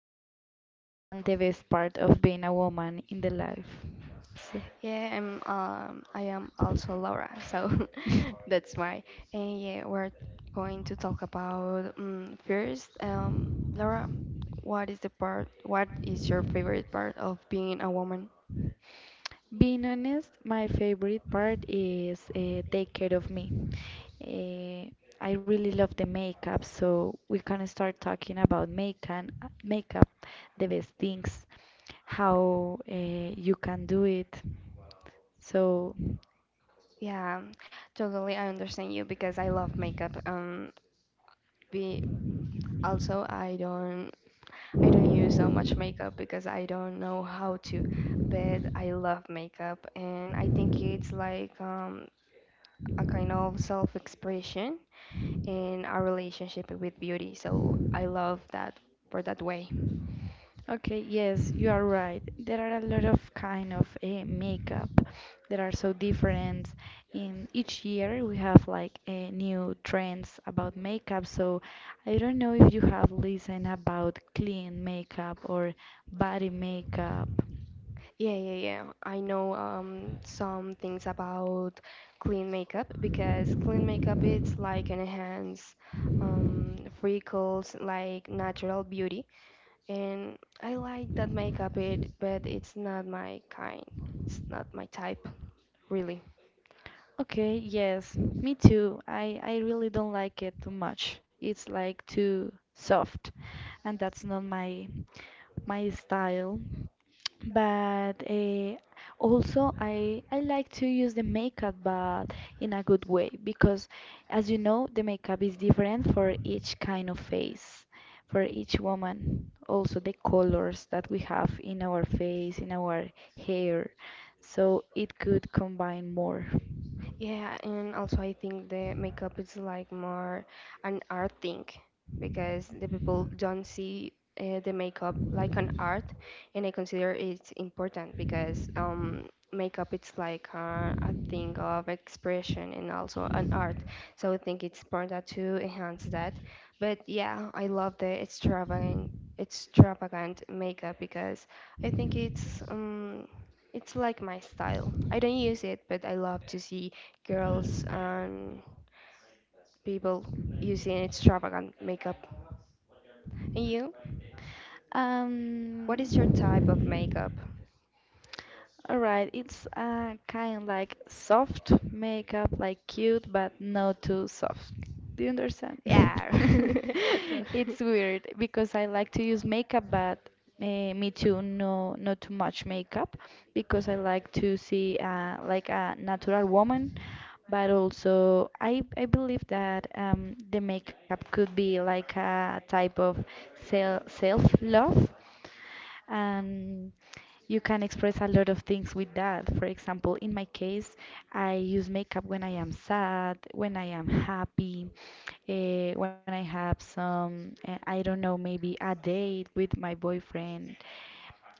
woman and the best part of being a woman in the life. So, Yeah, I am also Laura, so that's why. And yeah, we're going to talk about first Laura, what is your favorite part of being a woman? Being honest, my favorite part is take care of me. Uh, I really love the makeup, so we can start talking about makeup, makeup, the best things, how you can do it. So Yeah, totally I understand you because I love makeup. Be also I don't use so much makeup because I don't know how to, but I love makeup and I think it's like a kind of self-expression in our relationship with beauty. So I love that for that way. Okay, yes, you are right. There are a lot of kind of makeup that are so different. In each year, we have like new trends about makeup. So I don't know if you have listened about clean makeup or body makeup. Yeah, yeah, yeah. I know some things about clean makeup because clean makeup it's like an enhance freckles, like natural beauty, and I like that makeup. But it's not my kind. It's not my type, really. Okay, yes, me too. I really don't like it too much. It's like too soft, and that's not my style. But also, I like to use the makeup, but in a good way, because as you know, the makeup is different for each kind of face, for each woman. Also, the colors that we have in our face, in our hair, so it could combine more. Yeah, and also I think the makeup is like more an art thing because the people don't see the makeup like an art, and I consider it's important because makeup it's like a thing of expression and also an art. So I think it's important to enhance that. But yeah, I love the extravagant makeup because I think it's like my style. I don't use it, but I love to see girls and people using extravagant makeup. And you? What is your Um, type of makeup? Alright, it's kind like soft makeup, like cute, but not too soft. Do you understand? Yeah. To- It's weird because I like to use makeup, but me too, no, not too much makeup because I like to see like a natural woman, but also I believe that the makeup could be like a type of self love, and you can express a lot of things with that. For example, in my case, I use makeup when I am sad, when I am happy, when I have some, I don't know, maybe a date with my boyfriend.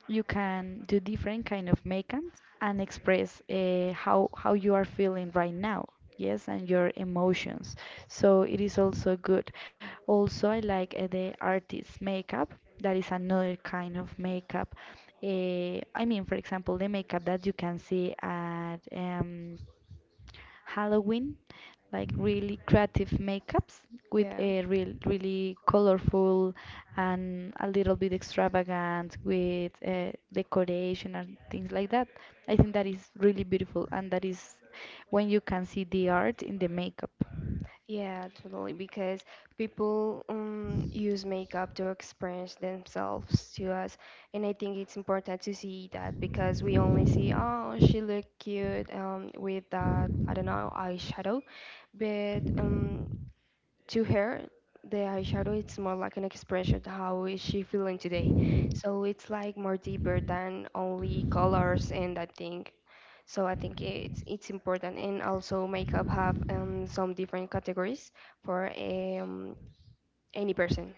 You can do different kind of makeup and express how you are feeling right now, yes, and your emotions, so it is also good. Also, I like the artist makeup. That is another kind of makeup. I mean, for example, the makeup that you can see at Halloween, like really creative makeups with Yeah. a really colorful and a little bit extravagant, with decoration and things like that. I think that is really beautiful, and that is when you can see the art in the makeup. Yeah, totally. Because people use makeup to express themselves to us. And I think it's important to see that because we only see, oh, she looked cute with that, I don't know, eyeshadow. But to her, the eyeshadow it's more like an expression of how is she feeling today. So it's like more deeper than only colors and that thing. So I think it's important and also makeup have some different categories for any person.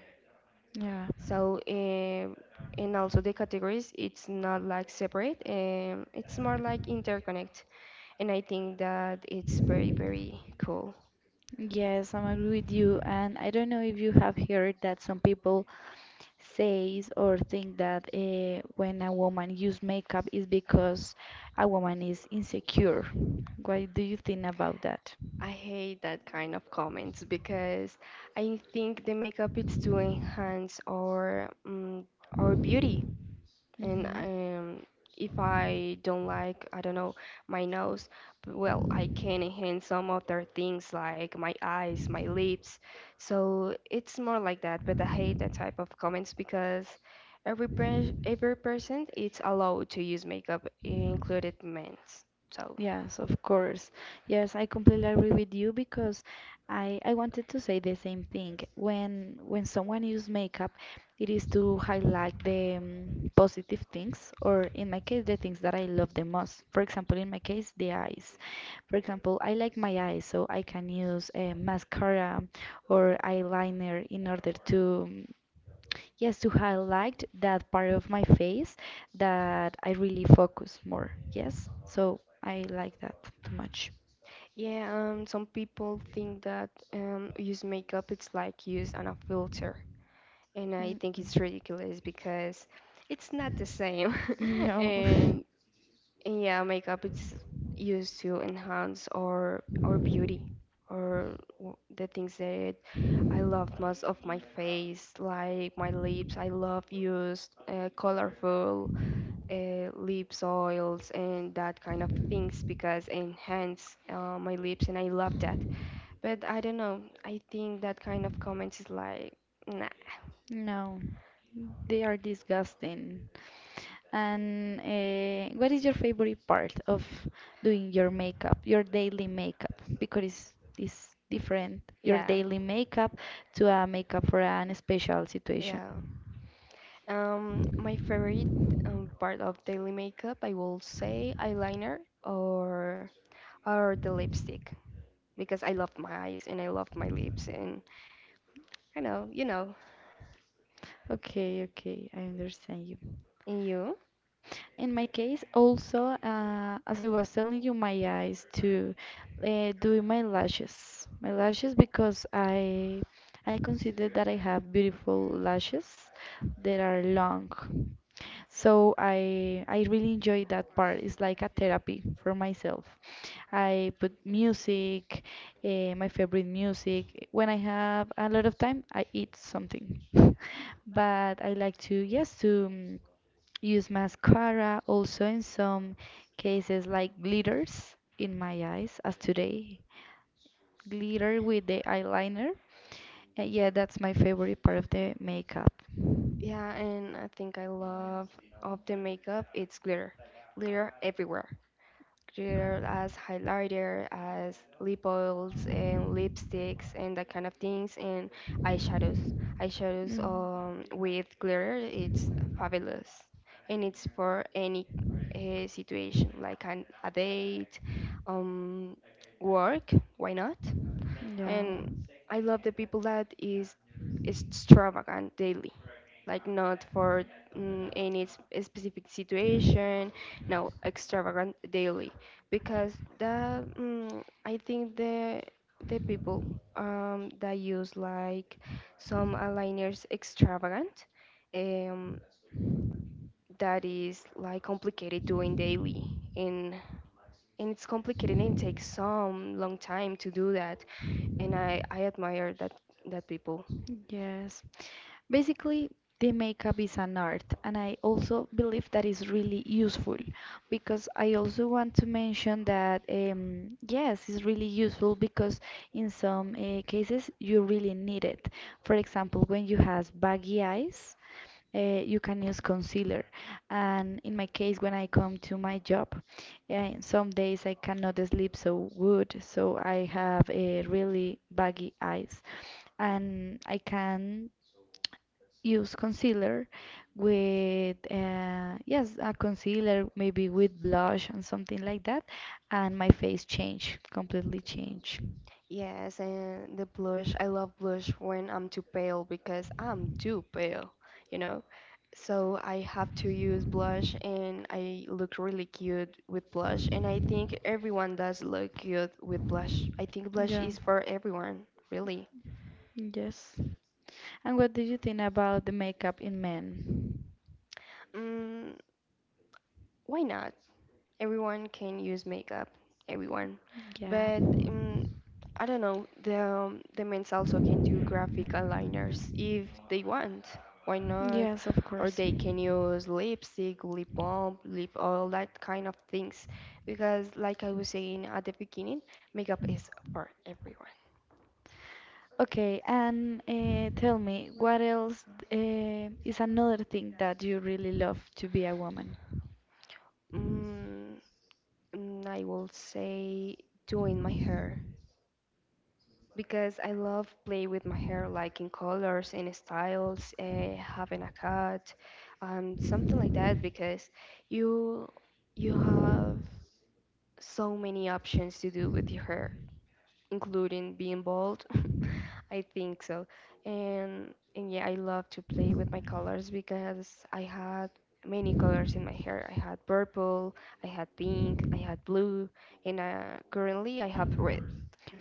Yeah. So and also the categories it's not like separate. It's more like interconnect, and I think that it's very very cool. Yes, I'm agree with you. And I don't know if you have heard that some people says or think that when a woman use makeup is because a woman is insecure. What do you think about that? I hate that kind of comments because I think the makeup is to enhance our beauty. And Hmm. If I don't like, I don't know, my nose, well, I can enhance some other things like my eyes, my lips. So it's more like that. But I hate that type of comments because every person it's allowed to use makeup, included men. So Yes, of course. Yes, I completely agree with you because I wanted to say the same thing. When someone use makeup, it is to highlight the positive things, or in my case, the things that I love the most. For example, in my case, the eyes. For example, I like my eyes, so I can use a mascara or eyeliner in order to mm, yes, to highlight that part of my face that I really focus more. Yes, so I like that too much. yeah, some people think that use makeup, it's like use on a filter. And I Mm, think mm. it's ridiculous because it's not the same. No, and, and yeah, makeup it's used to enhance our beauty or the things that I love most of my face, like my lips. I love use colorful lips oils and that kind of things because enhance my lips, and I love that. But I don't know. I think that kind of comment is like, nah. no, they are disgusting. And what is your favorite part of doing your makeup, your daily makeup? Because it's different, your Yeah, daily makeup to a makeup for an special situation. yeah. My favorite part of daily makeup, I will say eyeliner or the lipstick because I love my eyes and I love my lips and I know, Okay, okay, I understand you. and you. In my case, also, as I was telling you, my eyes to do my lashes, because I consider that I have beautiful lashes that are long. So I really enjoy that part. It's like a therapy for myself. I put music, my favorite music. When I have a lot of time, I eat something. But I like to, use mascara also in some cases, like glitters in my eyes as today. Glitter with the eyeliner. Yeah, that's my favorite part of the makeup. Yeah, and I think I love of the makeup, it's glitter. Glitter everywhere. Glitter as highlighter, as lip oils and lipsticks and that kind of things and eyeshadows. Eyeshadows Mm, with glitter, it's fabulous. And it's for any situation, like a date, um, work, why not? yeah, And I love the people that is extravagant daily, like not for any specific situation, no, extravagant daily because I think the people that use like some aligners extravagant, um, that is like complicated doing daily, and it's complicated and it takes some long time to do that, and I admire that people. yes. Basically, the makeup is an art, and I also believe that is really useful, because I also want to mention that yes, it's really useful because in some cases you really need it. For example, when you have baggy eyes, you can use concealer. And in my case, when I come to my job, yeah, some days I cannot sleep so good, so I have a really baggy eyes, and I can use concealer with yes, a concealer maybe with blush and something like that, and my face change completely change. Yes, and the blush, I love blush when I'm too pale because I'm too pale, you know? So I have to use blush and I look really cute with blush. And I think everyone does look cute with blush. I think blush Yeah, is for everyone, really. yes. And what do you think about the makeup in men? Mm, why not? Everyone can use makeup, everyone. Yeah. But I don't know. The men's also can do graphic aligners if they want. Why not? Yes, of Or course. they can use lipstick, lip balm, lip all that kind of things. Because like I was saying at the beginning, makeup is for everyone. Okay, and tell me, what else is another thing that you really love to be a woman? Mm, I will say doing my hair, because I love play with my hair, like in colors in styles, having a cut, something like that. Because you you have so many options to do with your hair, including being bald. I think so, and yeah, I love to play with my colors because I had many colors in my hair. I had purple, I had pink, I had blue, and currently I have red.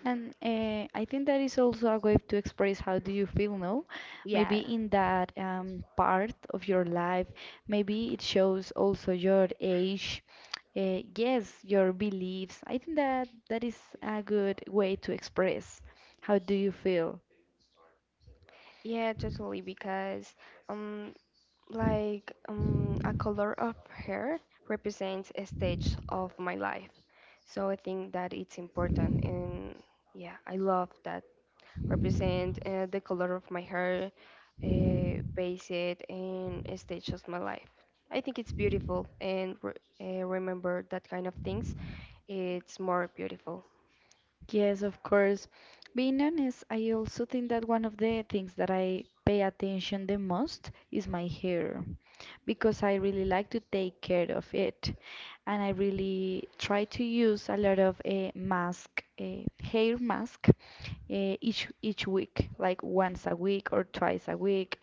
And I think that is also a way to express how do you feel, no? Maybe Yeah, in that part of your life, maybe it shows also your age, yes, your beliefs. I think that is a good way to express how do you feel. yeah, totally because. Um, Like a color of hair represents a stage of my life. So I think that it's important. And yeah, I love that represent the color of my hair, base it in a stage of my life. I think it's beautiful. And remember that kind of things, it's more beautiful. Yes, of course. Being honest, I also think that one of the things that I pay attention the most is my hair, because I really like to take care of it. And I really try to use a lot of a mask, a hair mask uh, each week, like once a week or twice a week.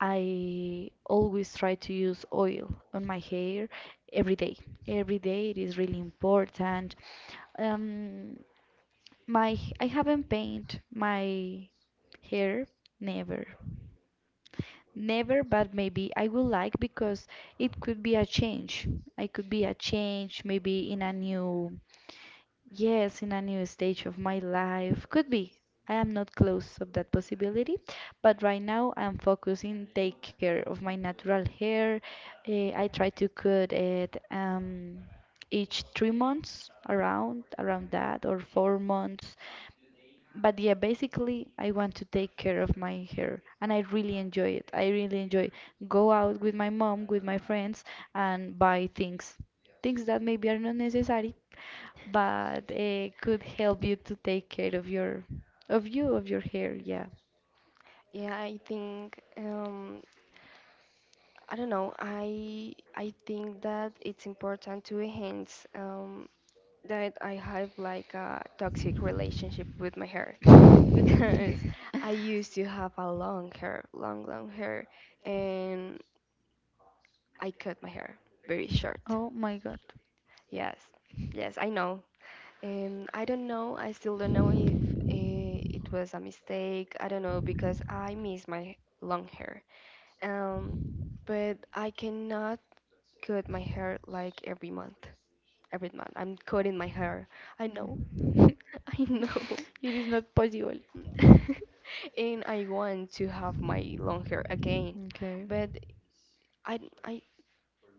I always try to use oil on my hair every day. Every day it is really important. Um, my I haven't painted my hair never. Never, but maybe I would like, because it could be a change. I could be a change maybe in a new, yes, in a new stage of my life. Could be. I am not close of that possibility, but right now I'm focusing take care of my natural hair. I try to cut it each 3 months, around that, or 4 months. But yeah, basically, I want to take care of my hair, and I really enjoy it. I really enjoy go out with my mom, with my friends, and buy things, things that maybe are not necessary, but could help you to take care of your, of you, of your hair. Yeah. Yeah, I think I don't know. I think that it's important to enhance. That I have like a toxic relationship with my hair because I used to have a long hair, long, long hair, and I cut my hair very short. Oh my God. Yes, yes, I know. And I don't know, I still don't know if it was a mistake. I don't know because I miss my long hair. Um, but I cannot cut my hair like every month. Every month, I'm cutting my hair. I know, Mm. I know. It is not possible. And I want to have my long hair again, Okay. but I I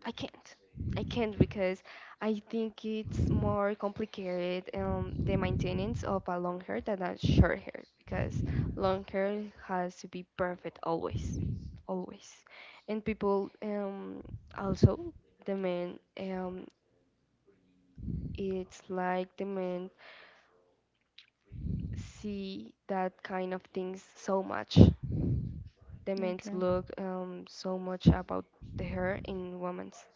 I can't. I can't because I think it's more complicated the maintenance of a long hair than a short hair because long hair has to be perfect always, always, and people also the men it's like the men see that kind of things so much, the men's Okay. look so much about the hair in women's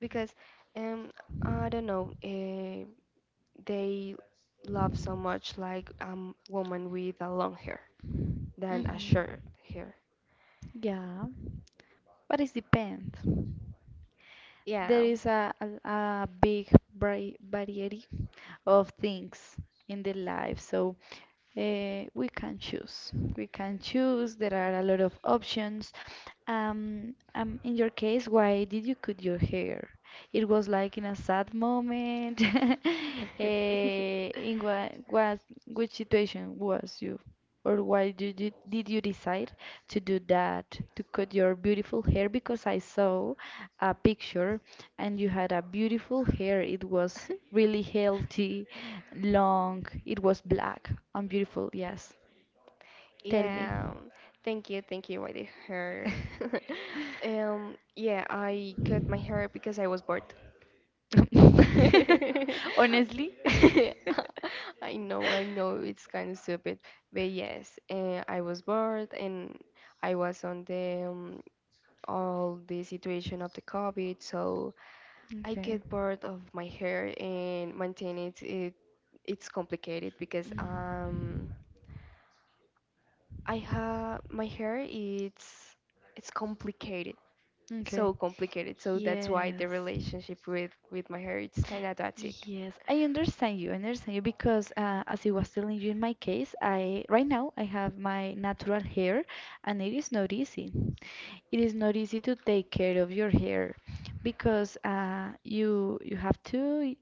because um, I don't know, they love so much like woman with a long hair than a Hmm. short hair. Yeah, but it depends. There Yeah, is a, big variety of things in the life. So we can choose. We can choose. There are a lot of options. In your case, why did you cut your hair? It was like in a sad moment. In which situation was you, or why did you decide to do that, to cut your beautiful hair? Because I saw a picture and you had a beautiful hair. It was really healthy. Long. It was black and beautiful, yes. Tell me. yeah. Thank you, thank you. I did hair. Yeah, I cut my hair because I was bored. Honestly? I know, it's kind of stupid, but yes, I was bored and I was on the all the situation of the COVID, so I Okay. get bored of my hair and maintain it. It's complicated because Mm, I have my hair. It's okay. Complicated. So that's why the Yes. relationship with my hair it's kind of toxic. Yes. I understand you. I understand you because as I was telling you in my case, I right now I have my natural hair, and it is not easy. It is not easy to take care of your hair because you have to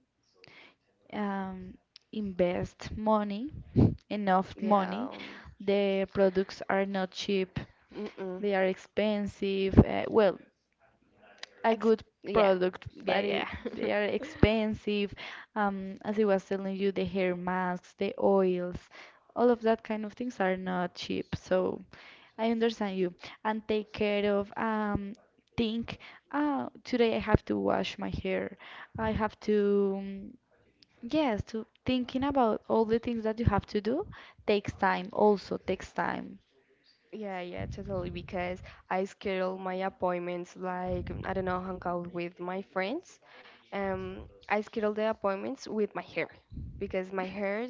um, invest money, enough Yeah. money. The products are not cheap, Mm-mm. they are expensive. Well, a Ex- good yeah, product, yeah, but yeah. they are expensive. As I was telling you, the hair masks, the oils, all of that kind of things are not cheap. So I understand you. And take care of, think, oh, today I have to wash my hair. I have to. Yes, to thinking about all the things that you have to do takes time, also takes time. Yeah, yeah, totally. Because I schedule my appointments like I don't know, hang out with my friends. Um, I schedule the appointments with my hair because my hair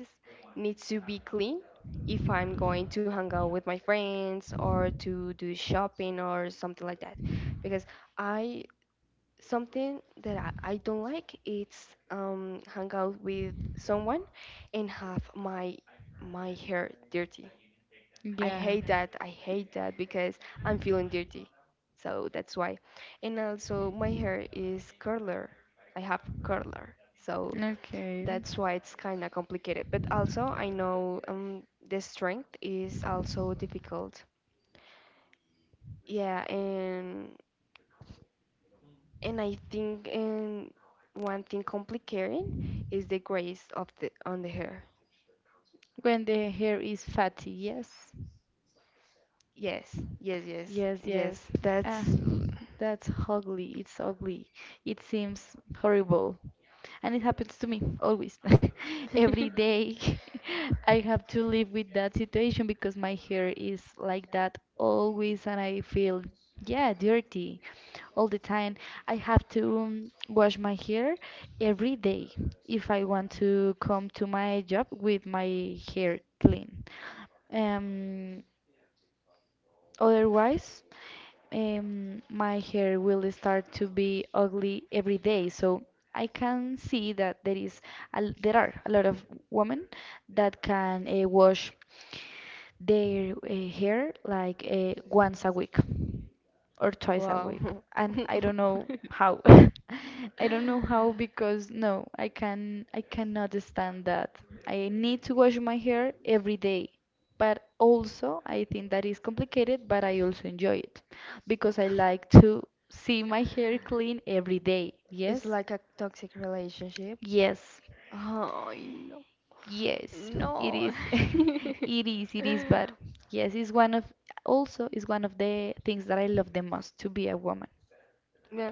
needs to be clean if I'm going to hang out with my friends or to do shopping or something like that. Because I something that I don't like it's hang out with someone and have my hair dirty. I Yeah, hate that. I hate that because I'm feeling dirty. So that's why. And also my hair is curler. I have curler. So okay. that's why it's kind of complicated. But also I know the strength is also difficult. Yeah, And I think one thing complicating is the grace of the on the hair. When the hair is fatty, yes. Yes, yes, yes, Yes, yes. yes. Ah, That's that's ugly. It's ugly. It seems horrible. And it happens to me always. Every day I have to live with that situation because my hair is like that always, and I feel, yeah, dirty. All the time. I have to wash my hair every day if I want to come to my job with my hair clean. Um, otherwise, my hair will start to be ugly every day. So I can see that there is there are a lot of women that can wash their hair like once a week or twice a wow. week. And I don't know how. I don't know how, because no, I cannot stand that. I need to wash my hair every day. But also, I think that is complicated, but I also enjoy it because I like to see my hair clean every day. It's Yes? like a toxic relationship. Yes. Oh no, Yes, it no. is. It is, but yes, it's one of, also is one of the things that I love the most to be a woman. Yeah.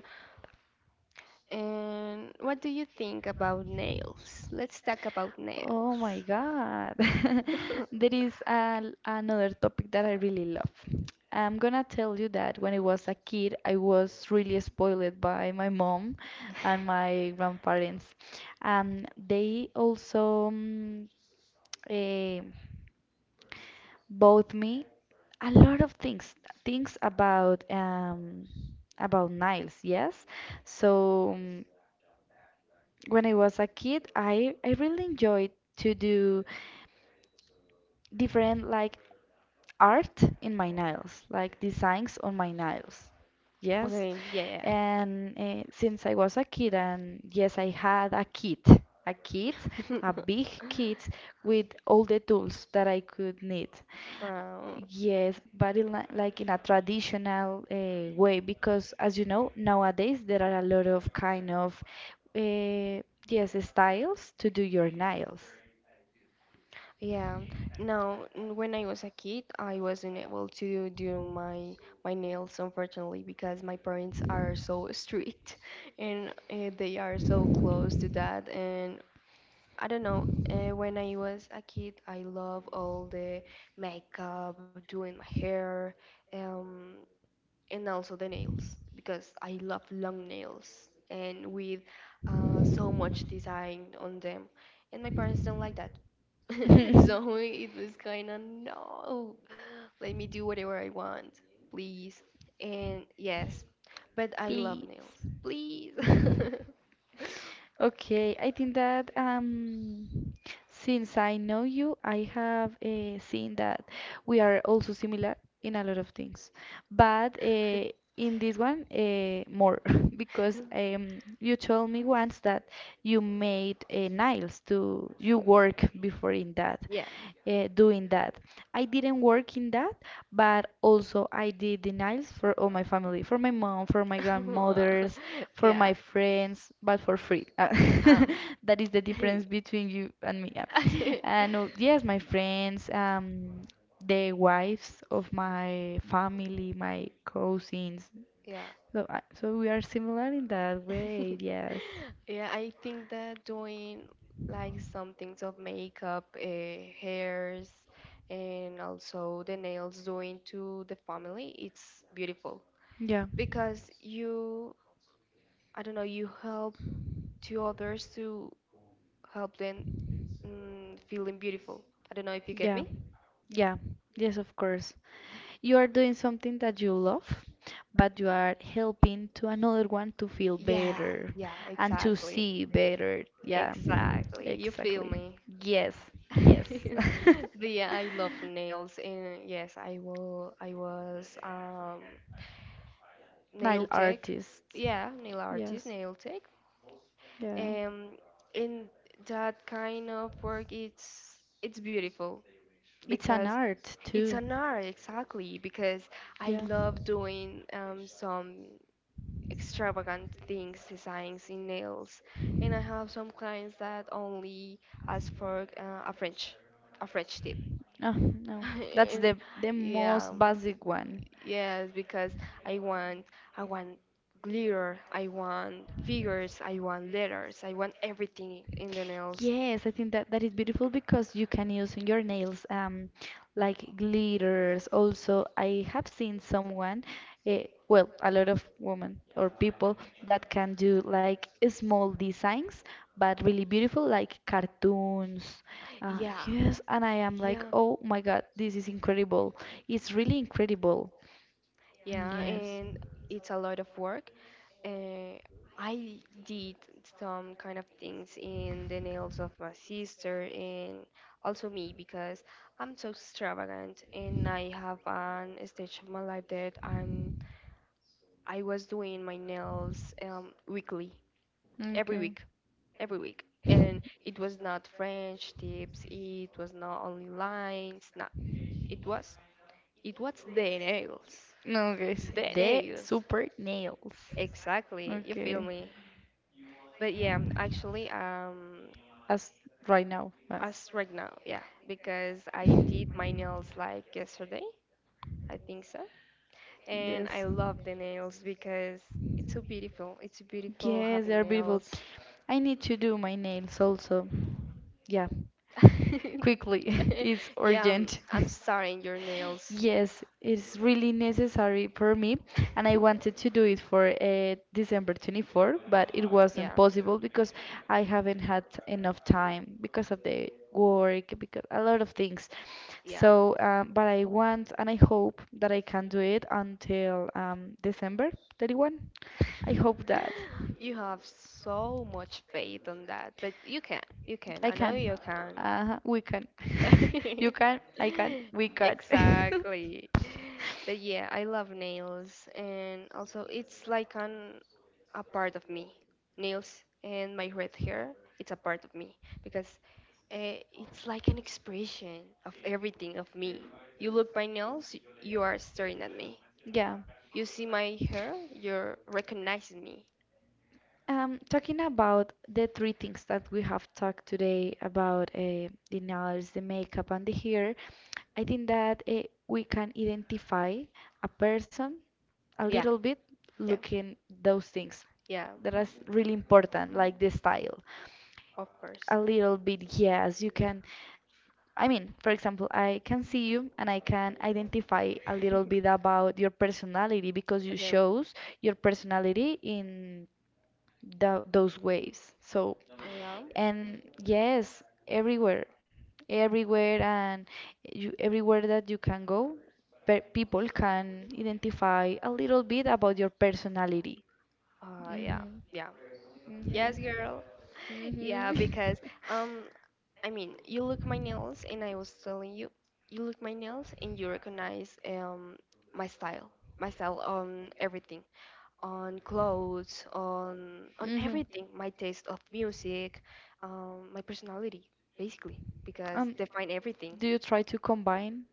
And what do you think about nails? Let's talk about nails. Oh my God. There is a, another topic that I really love. I'm gonna tell you that when I was a kid, I was really spoiled by my mom and my grandparents. And they also eh, bought me a lot of things things about um, about Niles, yes. So mm, when I was a kid, I really enjoyed to do different like art in my nails, like designs on my nails. Yes. Okay, yeah, And since I was a kid, and yes, I had a kit, a kit, yeah. a big kit with all the tools that I could need. Wow. Yes, but like in a traditional way, because as you know, nowadays there are a lot of kind of uh, yes styles to do your nails. Yeah. Now, when I was a kid, I wasn't able to do my nails, unfortunately, because my parents are so strict, and they are so close to that. And I don't know. When I was a kid, I love all the makeup, doing my hair, um, and also the nails because I love long nails and with so much design on them. And my parents don't like that. So it was kind of no, let me do whatever I want, please. And yes, but I love Please. nails, please. Okay, I think that since I know you, I have seen that we are also similar in a lot of things, but in this one, more because you told me once that you made nails to you work before in that yeah, doing that. I didn't work in that, but also I did the nails for all my family, for my mom, for my grandmothers, for yeah. my friends, but for free. Um, That is the difference between you and me, yeah. And yes, my friends, the wives of my family, my cousins. yeah. So we are similar in that way, yes. Yeah, I think that doing like some things of makeup, hairs, and also the nails doing to the family, it's beautiful Yeah, because you, I don't know, you help to others to help them, feeling beautiful. I don't know if you get yeah. me. Yeah, yes, of course. You are doing something that you love, but you are helping to another one to feel Yeah, better yeah, and to exactly. see better. Yeah, Exactly. You feel exactly. me. Yes, yes. But yeah, I love nails, and yes, I will. I was Nail nail tech. artists. Yeah, nail artist, Yes, nail tech. yeah. Um, and that kind of work, it's beautiful It's an because art it's too. an art, exactly. Because I Yeah. love doing some extravagant things, designs in nails, and I have some clients that only ask for a a French tip. Oh, no. That's And, the yeah, most basic one. yes, because I want, I want glitter, I want figures, I want letters, I want everything in the nails. Yes, I think that that is beautiful because you can use in your nails like glitters. Also, I have seen someone, well, a lot of women or people that can do like small designs, but really beautiful, like cartoons. Yeah, Yes, and I am like, yeah, oh my God, this is incredible. It's really incredible. yeah, Yes. and it's a lot of work. Uh, I did some kind of things in the nails of my sister and also me because I'm so extravagant and I have an stage of my life that I was doing my nails weekly, every Okay. week, every week. And it was not French tips, it was not only lines, No, it was it was the nails. No, guys. The The nails. super nails. Exactly, you feel Okay. me. But yeah, actually, As right now. As right now, yeah, because I did my nails like yesterday, I think so. And I Yes, love the nails because it's so beautiful. It's so beautiful yes, they having are beautiful. nails. I need to do my nails also. Yeah, quickly. It's Yeah, urgent. I'm sorry. Your nails. Yes, it's really necessary for me, and I wanted to do it for December 24, but it wasn't Yeah, possible because I haven't had enough time because of the work, because a lot of things. yeah. So, but I want, and I hope that I can do it until December 31st. I hope that. You have so much faith on that, but you can. I I know can. you can. We can. You can, I can, we can. Exactly. But yeah, I love nails and also it's like an a part of me. Nails and my red hair, it's a part of me because it's like an expression of everything of me. You look my nails, you are staring at me. Yeah. You see my hair, you're recognizing me. Talking about the three things that we have talked today about the nails, the makeup, and the hair, I think that we can identify a person a Yeah, little bit yeah, looking those things, yeah, that is really important, like the style. of course. A little bit, yes, you can. I mean, for example, I can see you and I can identify a little bit about your personality because you Okay. shows your personality in those waves. So, Yeah. and yes, everywhere, everywhere and you, everywhere that you can go, pe people can identify a little bit about your personality. Yeah. Mhm. Yeah. Yes, Mhm. girl. Yeah, because Mhm. um, I mean, you look my nails, and I was telling you, you look my nails, and you recognize my style, my style on everything, on clothes, on Mhm. everything, my taste of music, my personality, basically, because Um, define everything. do you try to combine?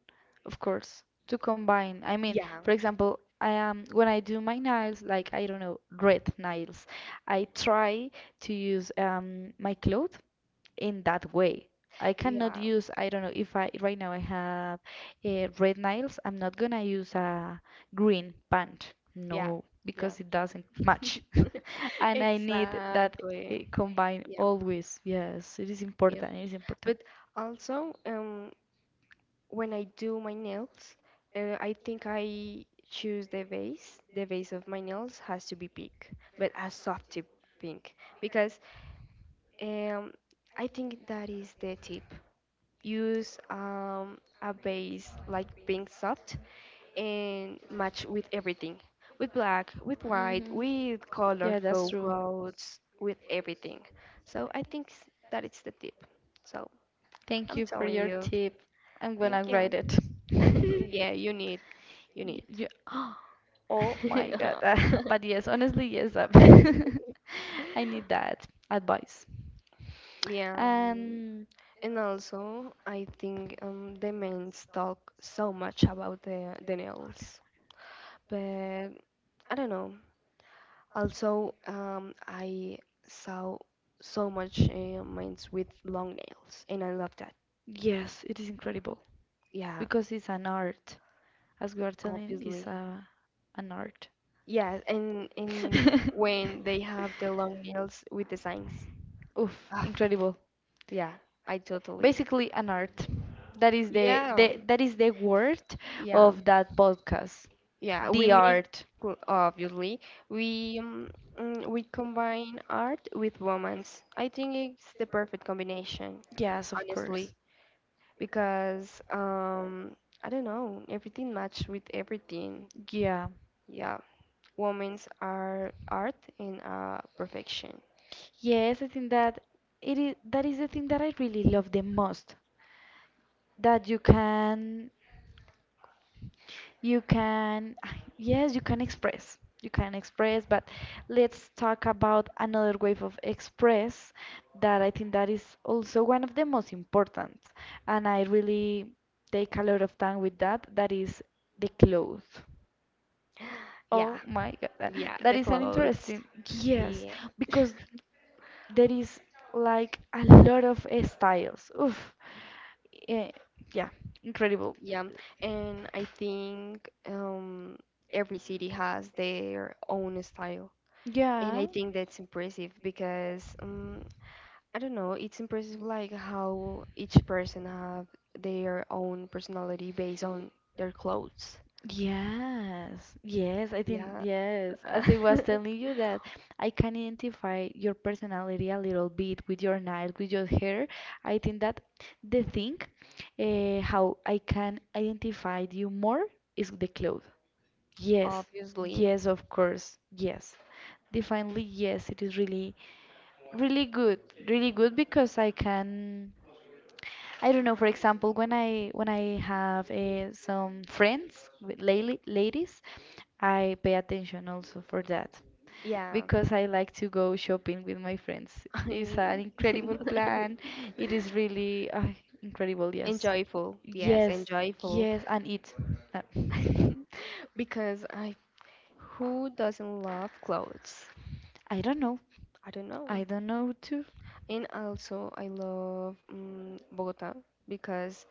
Of course, to combine. I mean, Yeah. for example, I am when I do my nails, like I don't know, red nails, I try to use my cloth in that way. I cannot Yeah. use, I don't know, if I right now I have red nails, I'm not gonna use a green pant. Yeah. No, Yeah. because it doesn't match. And I need that Exactly. combine Yeah, always. Yes, it is yeah. important. It is important. But also, when I do my nails, I think I choose the base. The base of my nails has to be pink, but a soft tip pink because um, I think that is the tip. Use a base like pink soft and match with everything with black, with white, Hmm. with Yeah, that's colorful true. clothes, with everything. So I think that it's the tip. So Thank I'm you for telling your you, tip. I'm gonna thank write you. it. Yeah, you Y- need. you- oh my God. But yes, honestly, yes. Um, I need that advice. Yeah, And and also I think the men talk so much about the nails, but I don't know. Also, I saw so much mines with long nails, and I love that. yes, it is incredible Yeah, because it's an art. As we are telling, it's obviously. a an art. Yeah, and when they have the long nails with the signs. Oof, Ah, incredible. yeah, I totally. Basically, an art. That is Yeah, the that is the word yeah, of that podcast. yeah. We The make art. Obviously we we combine art with romance. I think it's the perfect combination, Yes, of right honestly. course. Because I don't know, everything matched with everything. Yeah. Yeah, women's are art and perfection. Yes, I think that it is that is the thing that I really love the most. That you can. You can, yes, you can express. You can express, but let's talk about another way of express that I think that is also one of the most important. And I really take a lot of time with that. That is the clothes. Yeah, Oh my God, yeah, that the is an clothes. interesting, yes, Yeah, because there is like a lot of styles. Oof, eh, yeah, incredible. yeah, and I think every city has their own style. And Yeah. I think that's impressive because I don't know, it's impressive like how each person have their own personality based on their clothes. Yes, yes, I think, Yeah, yes. Uh, As I was telling you that I can identify your personality a little bit with your nails, with your hair. I think that the thing how I can identify you more is the clothes. Yes, obviously, yes, of course, yes. Definitely, yes, it is really, really good, really good because I can. I don't know. For example, when I have some friends with lady, ladies, I pay attention also for that yeah. because I like to go shopping with my friends. It's an I- incredible plan. It is really incredible. Yes, enjoyful, yes, yes, enjoyful. yes, and it. Uh, Because I, who doesn't love clothes? I don't know. I don't know. I don't know too. And also, I love Bogota because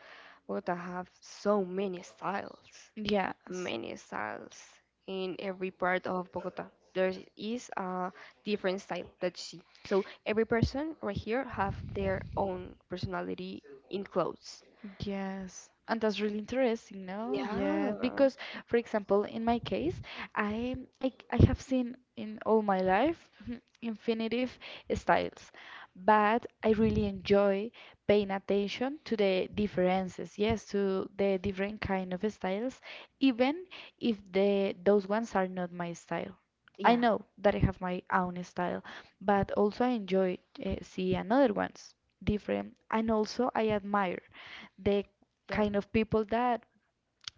Bogota have so many styles. Yes. Many styles in every part of Bogota. There is a different style that you see. So every person right here have their own personality in clothes. Yes, and that's really interesting, no? Yeah, Yeah, because for example, in my case, I have seen in all my life infinitive styles, but I really enjoy paying attention to the differences, yes, to the different kind of styles, even if the those ones are not my style. I yeah, know that I have my own style, but also I enjoy see another ones different, and also I admire the yeah, kind of people that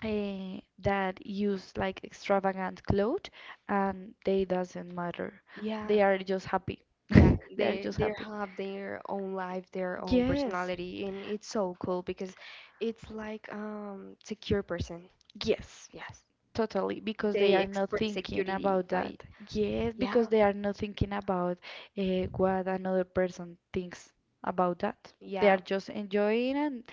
that use like extravagant clothes and they doesn't matter. yeah, They are just happy. yeah. They are just They happy. have their own life, their own Yes, personality, and it's so cool because it's like secure person. yes, Yes, totally, because they they are not express thinking security about by that. Yes, because yeah, they are not thinking about what another person thinks about that. They are yeah, just enjoying and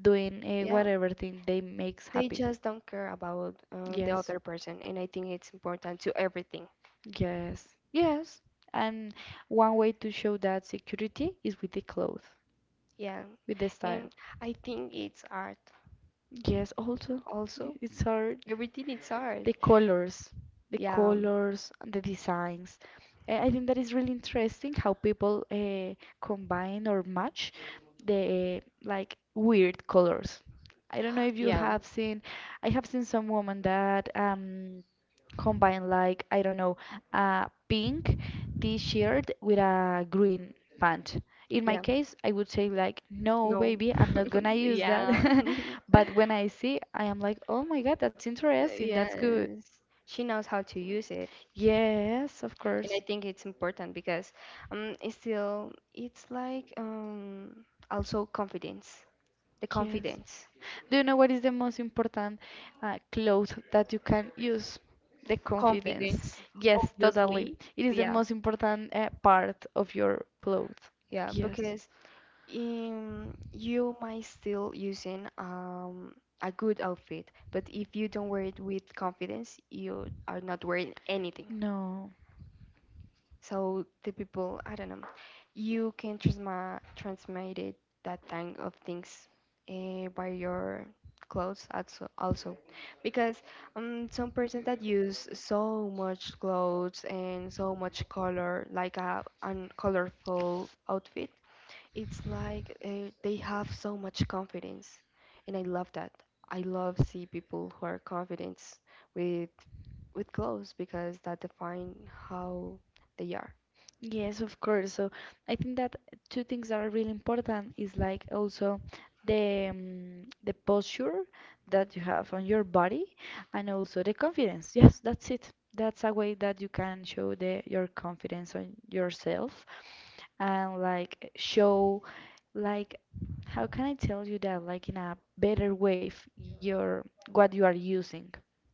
doing yeah. whatever thing they makes They happy. just don't care about the Yes. other person, and I think it's important to everything. Yes, yes. And one way to show that security is with the clothes, Yeah, with the style. and I think it's art Yes, also, also. it's hard. Everything is art. The colors, Yeah, the designs. I think that is really interesting how people combine or match the like weird colors. I don't know if you yeah, have seen, I have seen some woman that combine like I don't know a pink t-shirt with a green pant. In my yeah. case, I would say like, no, No, baby, I'm not gonna use that. yeah, But when I see, I am like, oh my God, that's interesting. That's good. yes. She knows how to use it, Yes, of and I course. think it's important because it's like also confidence, the Yes. confidence, Do you know what is the most important clothes that you can use? The confidence. confidence. Yes, totally. It is the Yeah, most important part of your clothes. yeah. Yes. Because you might still using a good outfit, but if you don't wear it with confidence, you are not wearing anything. No. So the people, I don't know, you can transma transmit it that kind of things by your clothes, also, also, because some person that use so much clothes and so much color, like a colorful outfit it's like they have so much confidence, and I love that. I love see people who are confident with clothes because that define how they are. Yes, of course. So I think that two things that are really important is like also the posture that you have on your body and also the confidence. Yes, that's it. That's a way that you can show the your confidence on yourself and like show like how can I tell you that like in a better way your what you are using,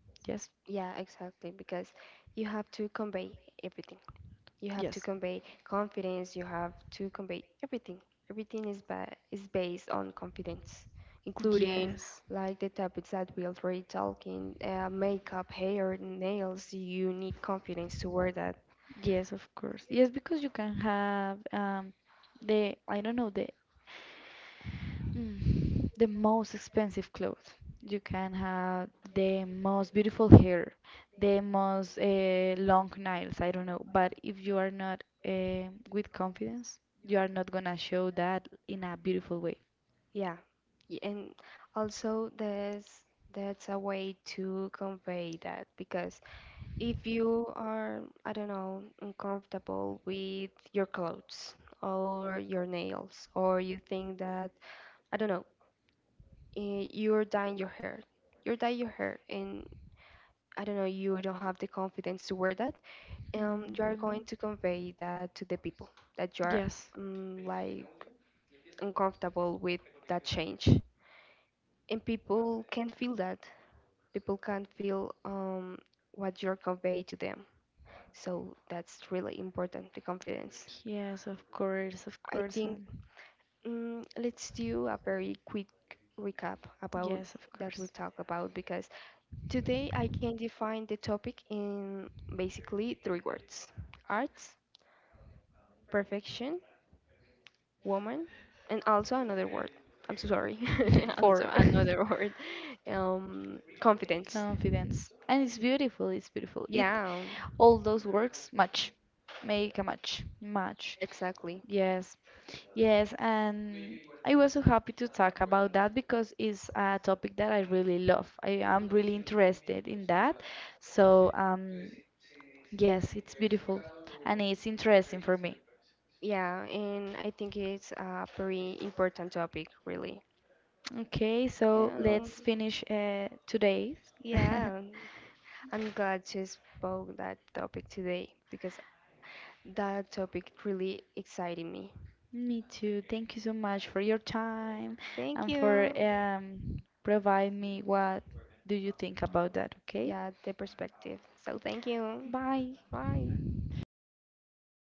yes, Yeah, exactly. Because you have to convey everything. You have to yes, convey confidence. You have to convey everything. Everything is ba is based on confidence, including yes, like the topics that we already talking, makeup, hair, nails. You need confidence to wear that. yes, of course, yes, because you can have the I don't know the the most expensive clothes, you can have the most beautiful hair, the most long nails, I don't know, but if you are not with confidence, you are not gonna show that in a beautiful way. Yeah, and also there's that's a way to convey that because if you are, I don't know, uncomfortable with your clothes or your nails, or you think that, I don't know, you're dyeing your hair, you're dyeing your hair, and I don't know, you don't have the confidence to wear that, you are Mhm. going to convey that to the people that you are Yes. Like uncomfortable with that change, and people can feel that, people can feel what you're conveying to them. So that's really important, the confidence. Yes, of I course, think and let's do a very quick recap about yes, of that we course. talk about because today I can define the topic in basically three words: arts, perfection, woman, and also another word. I'm so sorry. And so For another word, confidence. confidence. And it's beautiful, it's beautiful. It Yeah, all those works match. Make a match. Match. exactly. Yes. Yes, and I was so happy to talk about that because it's a topic that I really love. I am really interested in that. So, yes, it's beautiful and it's interesting for me. Yeah, and I think it's a very important topic, really. Okay, so Um, let's finish today. yeah, I'm glad to spoke that topic today because that topic really excited me. Me too. Thank you so much for your time Thank and for you. Provide me what do you think about that, okay? Yeah, the perspective. So thank you. Bye. Bye.